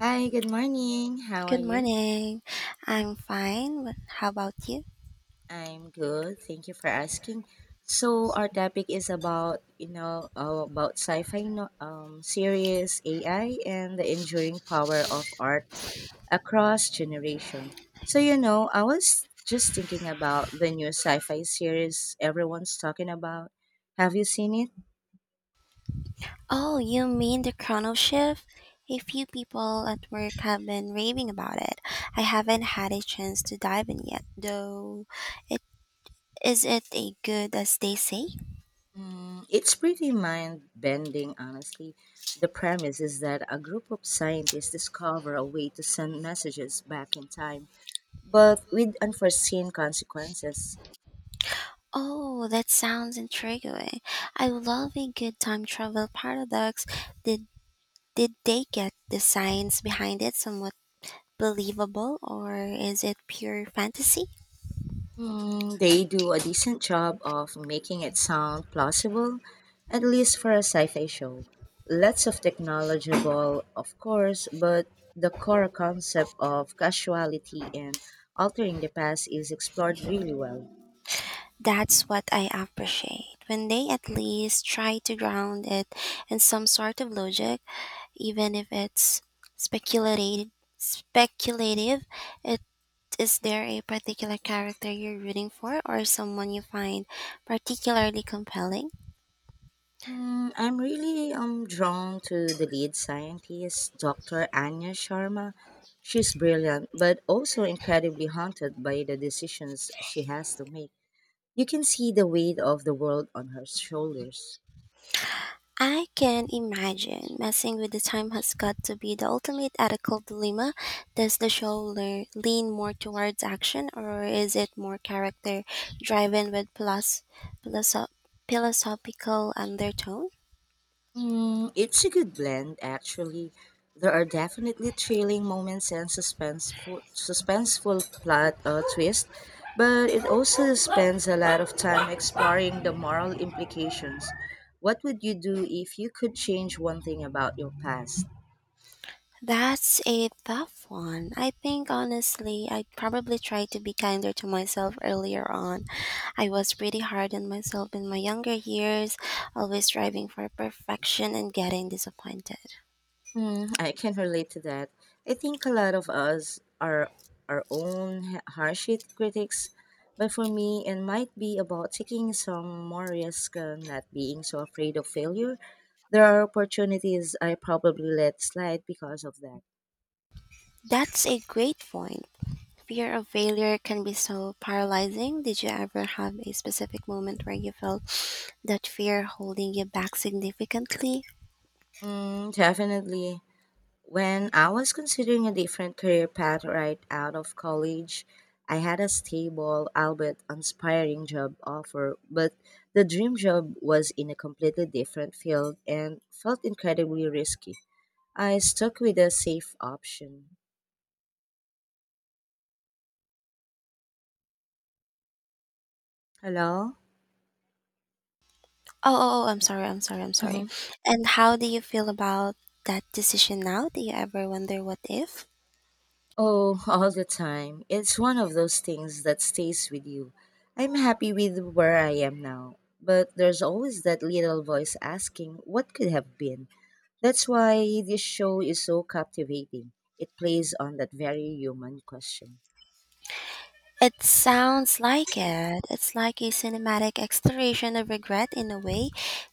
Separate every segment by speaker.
Speaker 1: Hi, good morning. How are
Speaker 2: Good
Speaker 1: you?
Speaker 2: morning. I'm fine, but how about you?
Speaker 1: I'm good. Thank you for asking. So our topic is about, about sci-fi no- series AI and the enduring power of art across generation. I was just thinking about the new sci-fi series everyone's talking about. Have you seen it?
Speaker 2: Oh, you mean the Chrono Shift? A few people at work have been raving about it. I haven't had a chance to dive in yet, though. It is it a good as they say?
Speaker 1: Mm, it's pretty mind bending, honestly. The premise is that a group of scientists discover a way to send messages back in time, but with unforeseen consequences.
Speaker 2: Oh, that sounds intriguing. I love a good time travel paradox. Did did they get the science behind it somewhat believable, or is it pure fantasy?
Speaker 1: Mm, they do a decent job of making it sound plausible, at least for a sci fi show. Lots of technology, of course, but the core concept of casuality and altering the past is explored really well.
Speaker 2: That's what I appreciate. When they at least try to ground it in some sort of logic, even if it's speculative, speculative, it is there a particular character you're rooting for or someone you find particularly compelling?
Speaker 1: Mm, I'm really drawn to the lead scientist, Dr. Anya Sharma. She's brilliant, but also incredibly haunted by the decisions she has to make. You can see the weight of the world on her shoulders.
Speaker 2: I can imagine messing with the time has got to be the ultimate ethical dilemma. Does the show lean more towards action, or is it more character driven with plus philosoph- philosophical undertone?
Speaker 1: Mm, it's a good blend, actually. There are definitely thrilling moments and suspenseful plot twist, but it also spends a lot of time exploring the moral implications. What would you do if you could change one thing about your past?
Speaker 2: That's a tough one. I think honestly, I probably tried to be kinder to myself earlier on. I was pretty hard on myself in my younger years, always striving for perfection and getting disappointed.
Speaker 1: Mm, I can relate to that. I think a lot of us are our own harsh critics, but for me, it might be about taking some more risk and not being so afraid of failure. There are opportunities I probably let slide because of that.
Speaker 2: That's a great point. Fear of failure can be so paralyzing. Did you ever have a specific moment where you felt that fear holding you back significantly?
Speaker 1: Mm, definitely. When I was considering a different career path right out of college, I had a stable, albeit inspiring job offer, but the dream job was in a completely different field and felt incredibly risky. I stuck with a safe option. Hello?
Speaker 2: Oh, I'm sorry, I'm sorry, I'm
Speaker 1: Mm-hmm.
Speaker 2: sorry. And how do you feel about that decision now? Do you ever wonder what if?
Speaker 1: Oh, all the time. It's one of those things that stays with you. I'm happy with where I am now, but there's always that little voice asking what could have been. That's why this show is so captivating. It plays on that very human question.
Speaker 2: It sounds like it. It's like a cinematic exploration of regret in a way.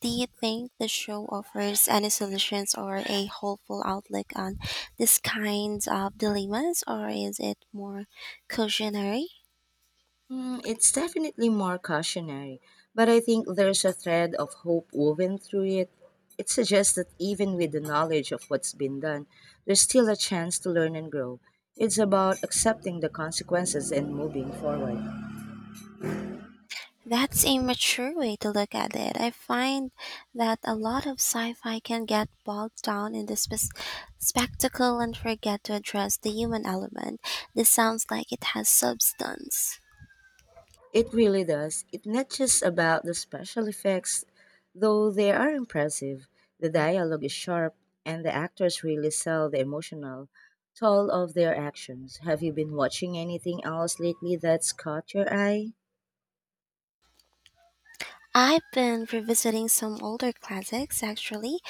Speaker 2: Do you think the show offers any solutions or a hopeful outlook on these kinds of dilemmas, or is it more cautionary?
Speaker 1: Mm, it's definitely more cautionary, but I think there's a thread of hope woven through it. It suggests that even with the knowledge of what's been done, there's still a chance to learn and grow. It's about accepting the consequences and moving forward.
Speaker 2: That's a mature way to look at it. I find that a lot of sci fi can get bogged down in the spectacle and forget to address the human element. This sounds like it has substance.
Speaker 1: It really does. It's not just about the special effects, though they are impressive. The dialogue is sharp, and the actors really sell the emotional toll of their actions. Have you been watching anything else lately that's caught your eye?
Speaker 2: I've been revisiting some older classics actually.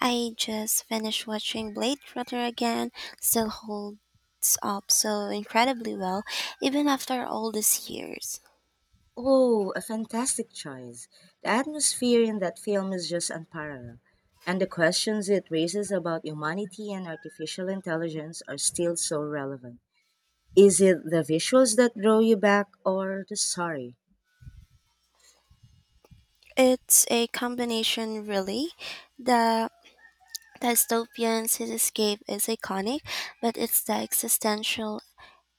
Speaker 2: I just finished watching Blade Runner again, still holds up so incredibly well, even after all these years.
Speaker 1: Oh, a fantastic choice. The atmosphere in that film is just unparalleled. And the questions it raises about humanity and artificial intelligence are still so relevant. Is it the visuals that draw you back or the story?
Speaker 2: It's a combination, really. The dystopian cityscape is iconic, but it's the existential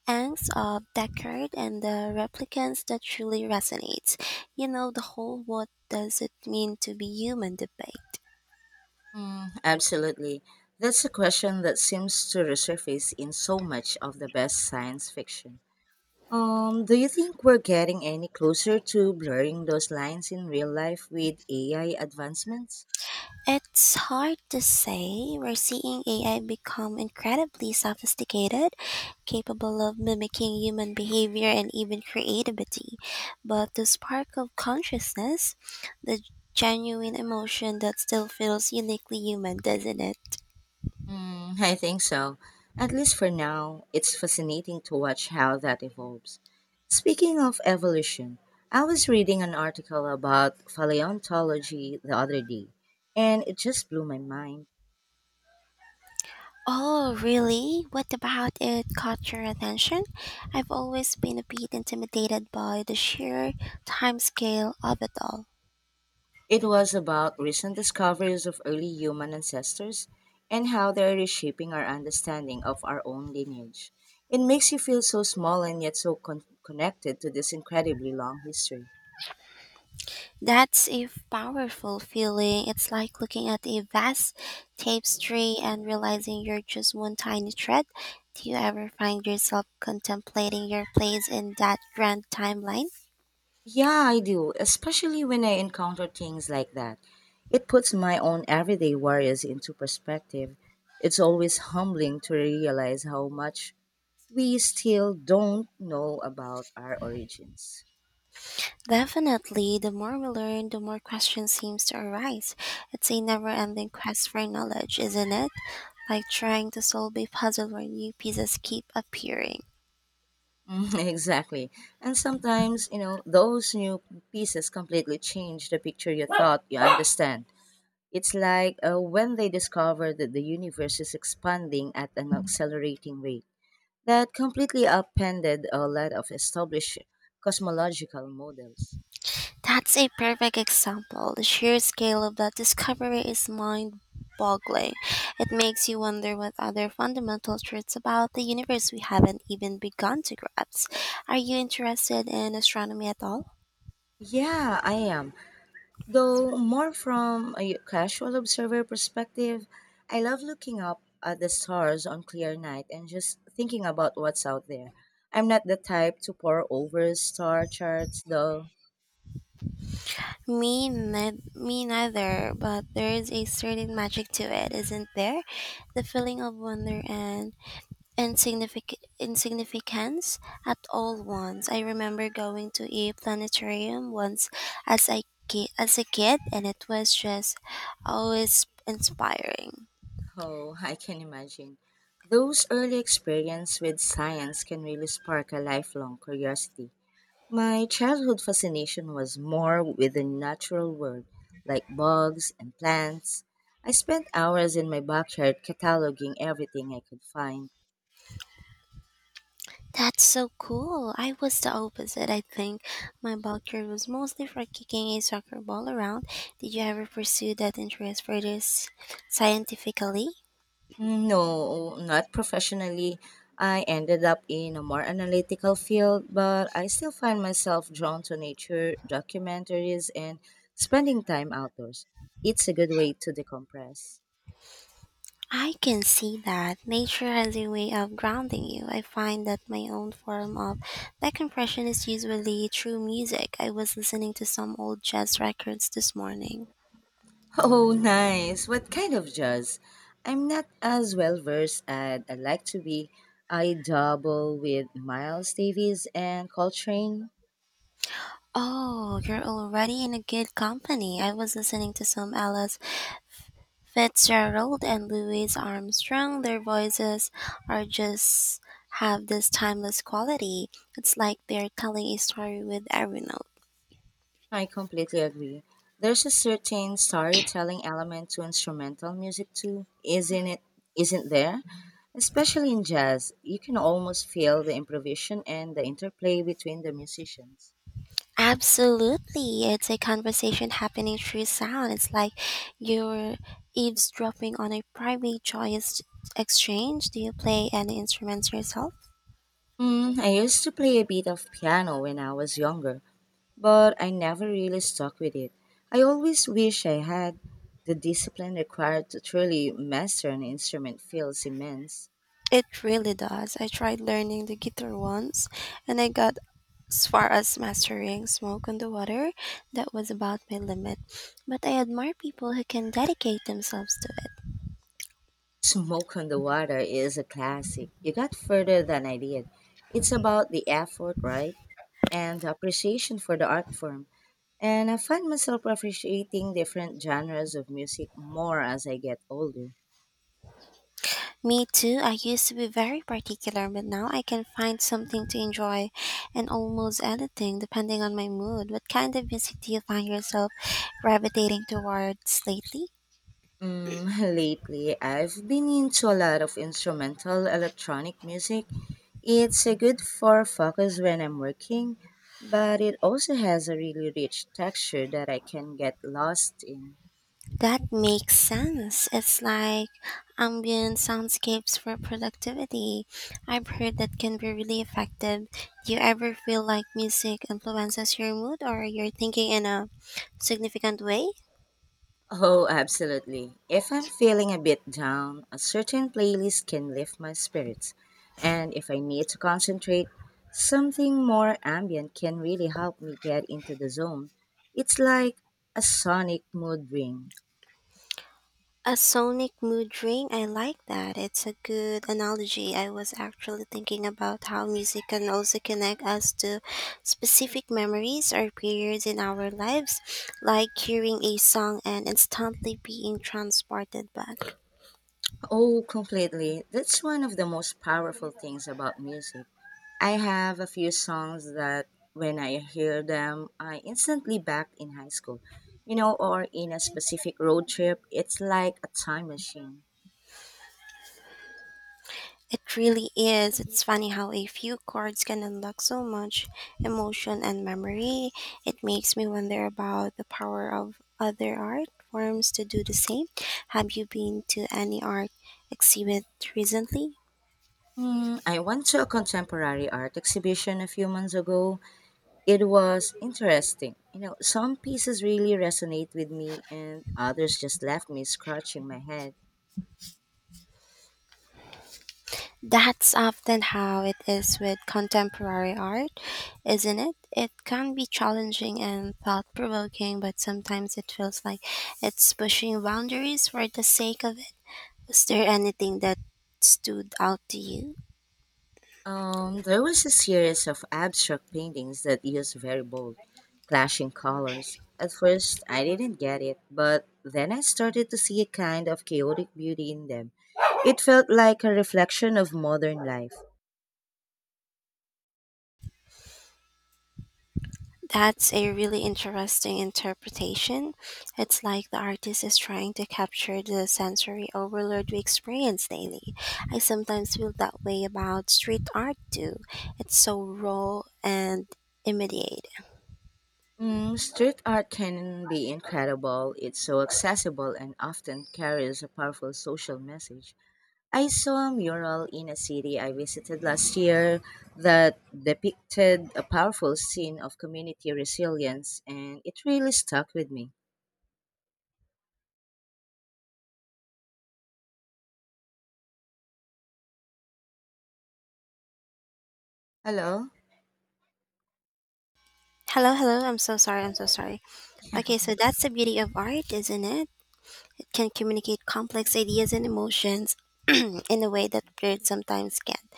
Speaker 2: angst of Deckard and the replicants that truly resonates. You know, the whole what does it mean to be human debate.
Speaker 1: Mm, absolutely. That's a question that seems to resurface in so much of the best science fiction. Do you think we're getting any closer to blurring those lines in real life with AI advancements?
Speaker 2: It's hard to say. We're seeing AI become incredibly sophisticated, capable of mimicking human behavior and even creativity. But the spark of consciousness, the genuine emotion that still feels uniquely human, doesn't it?
Speaker 1: Mm, I think so. At least for now, it's fascinating to watch how that evolves. Speaking of evolution, I was reading an article about paleontology the other day, and it just blew my mind.
Speaker 2: Oh, really? What about it caught your attention? I've always been a bit intimidated by the sheer timescale of it all.
Speaker 1: It was about recent discoveries of early human ancestors and how they're reshaping our understanding of our own lineage. It makes you feel so small and yet so connected to this incredibly long history.
Speaker 2: That's a powerful feeling. It's like looking at a vast tapestry and realizing you're just one tiny thread. Do you ever find yourself contemplating your place in that grand timeline?
Speaker 1: Yeah, I do, especially when I encounter things like that. It puts my own everyday worries into perspective. It's always humbling to realize how much we still don't know about our origins.
Speaker 2: Definitely, the more we learn, the more questions seems to arise. It's a never-ending quest for knowledge, isn't it? Like trying to solve a puzzle where new pieces keep appearing.
Speaker 1: Mhm, exactly. And sometimes, you know, those new pieces completely change the picture you thought you understand. It's like when they discovered that the universe is expanding at an accelerating rate that completely upended a lot of established cosmological models.
Speaker 2: That's a perfect example. The sheer scale of that discovery is mind boggling. It makes you wonder what other fundamental truths about the universe we haven't even begun to grasp. Are you interested in astronomy at all?
Speaker 1: Yeah, I am. Though more from a casual observer perspective, I love looking up at the stars on clear night and just thinking about what's out there. I'm not the type to pore over star charts though.
Speaker 2: Me neither, but there is a certain magic to it, isn't there? The feeling of wonder and insignificance at all once. I remember going to a planetarium once as a kid, and it was just always inspiring.
Speaker 1: Oh, I can imagine. Those early experience with science can really spark a lifelong curiosity. My childhood fascination was more with the natural world, like bugs and plants. I spent hours in my backyard cataloging everything I could find.
Speaker 2: That's so cool. I was the opposite, I think. My backyard was mostly for kicking a soccer ball around. Did you ever pursue that interest further scientifically?
Speaker 1: Mm, no, not professionally. I ended up in a more analytical field, but I still find myself drawn to nature, documentaries, and spending time outdoors. It's a good way to decompress.
Speaker 2: I can see that. Nature has a way of grounding you. I find that my own form of decompression is usually through music. I was listening to some old jazz records this morning.
Speaker 1: Oh, nice. What kind of jazz? I'm not as well versed as I'd like to be. I double with Miles Davis and Coltrane.
Speaker 2: Oh, you're already in a good company. I was listening to some Alice Fitzgerald and Louis Armstrong. Their voices are just have this timeless quality. It's like they're telling a story with every note.
Speaker 1: I completely agree. There's a certain storytelling element to instrumental music too, isn't it? Isn't there? Especially in jazz, you can almost feel the improvisation and the interplay between the musicians.
Speaker 2: Absolutely. It's a conversation happening through sound. It's like you're eavesdropping on a private, joyous exchange. Do you play any instruments yourself?
Speaker 1: Mm, I used to play a bit of piano when I was younger, but I never really stuck with it. I always wish I had. The discipline required to truly master an instrument feels immense.
Speaker 2: It really does. I tried learning the guitar once and I got as far as mastering Smoke on the Water. That was about my limit. But I admire people who can dedicate themselves to it.
Speaker 1: Smoke on the Water is a classic. You got further than I did. It's about the effort, right? And the appreciation for the art form. And I find myself appreciating different genres of music more as I get older.
Speaker 2: Me too. I used to be very particular, but now I can find something to enjoy and almost anything depending on my mood. What kind of music do you find yourself gravitating towards lately?
Speaker 1: Mm, lately, I've been into a lot of instrumental electronic music. It's a good for focus when I'm working, but it also has a really rich texture that I can get lost in.
Speaker 2: That makes sense. It's like ambient soundscapes for productivity. I've heard that can be really effective. Do you ever feel like music influences your mood or your thinking in a significant way?
Speaker 1: Oh, absolutely. If I'm feeling a bit down, a certain playlist can lift my spirits. And if I need to concentrate, something more ambient can really help me get into the zone. It's like a sonic mood ring.
Speaker 2: A sonic mood ring, I like that. It's a good analogy. I was actually thinking about how music can also connect us to specific memories or periods in our lives, like hearing a song and instantly being transported back.
Speaker 1: Oh, completely. That's one of the most powerful things about music. I have a few songs that when I hear them, I instantly back in high school, you know, or in a specific road trip. It's like a time machine.
Speaker 2: It really is. It's funny how a few cards can unlock so much emotion and memory. It makes me wonder about the power of other art forms to do the same. Have you been to any art exhibit recently?
Speaker 1: Hmm, I went to a contemporary art exhibition a few months ago. It was interesting. You know, some pieces really resonate with me, and others just left me scratching my head.
Speaker 2: That's often how it is with contemporary art, isn't it? It can be challenging and thought provoking, but sometimes it feels like it's pushing boundaries for the sake of it. Was there anything that stood out to you?
Speaker 1: There was a series of abstract paintings that used very bold, clashing colors. At first, I didn't get it, but then I started to see a kind of chaotic beauty in them. It felt like a reflection of modern life.
Speaker 2: That's a really interesting interpretation. It's like the artist is trying to capture the sensory overload we experience daily. I sometimes feel that way about street art too. It's so raw and immediate.
Speaker 1: Mm, street art can be incredible. It's so accessible and often carries a powerful social message. I saw a mural in a city I visited last year that depicted a powerful scene of community resilience, and it really stuck with me. Hello?
Speaker 2: Hello, hello. I'm so sorry. I'm so sorry. Okay, so that's the beauty of art, isn't it? It can communicate complex ideas and emotions in a way that words sometimes can't.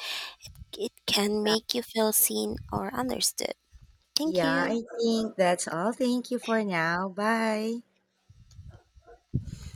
Speaker 2: It can make you feel seen or understood. Thank
Speaker 1: Yeah,
Speaker 2: you.
Speaker 1: I think that's all. Thank you for now. Bye.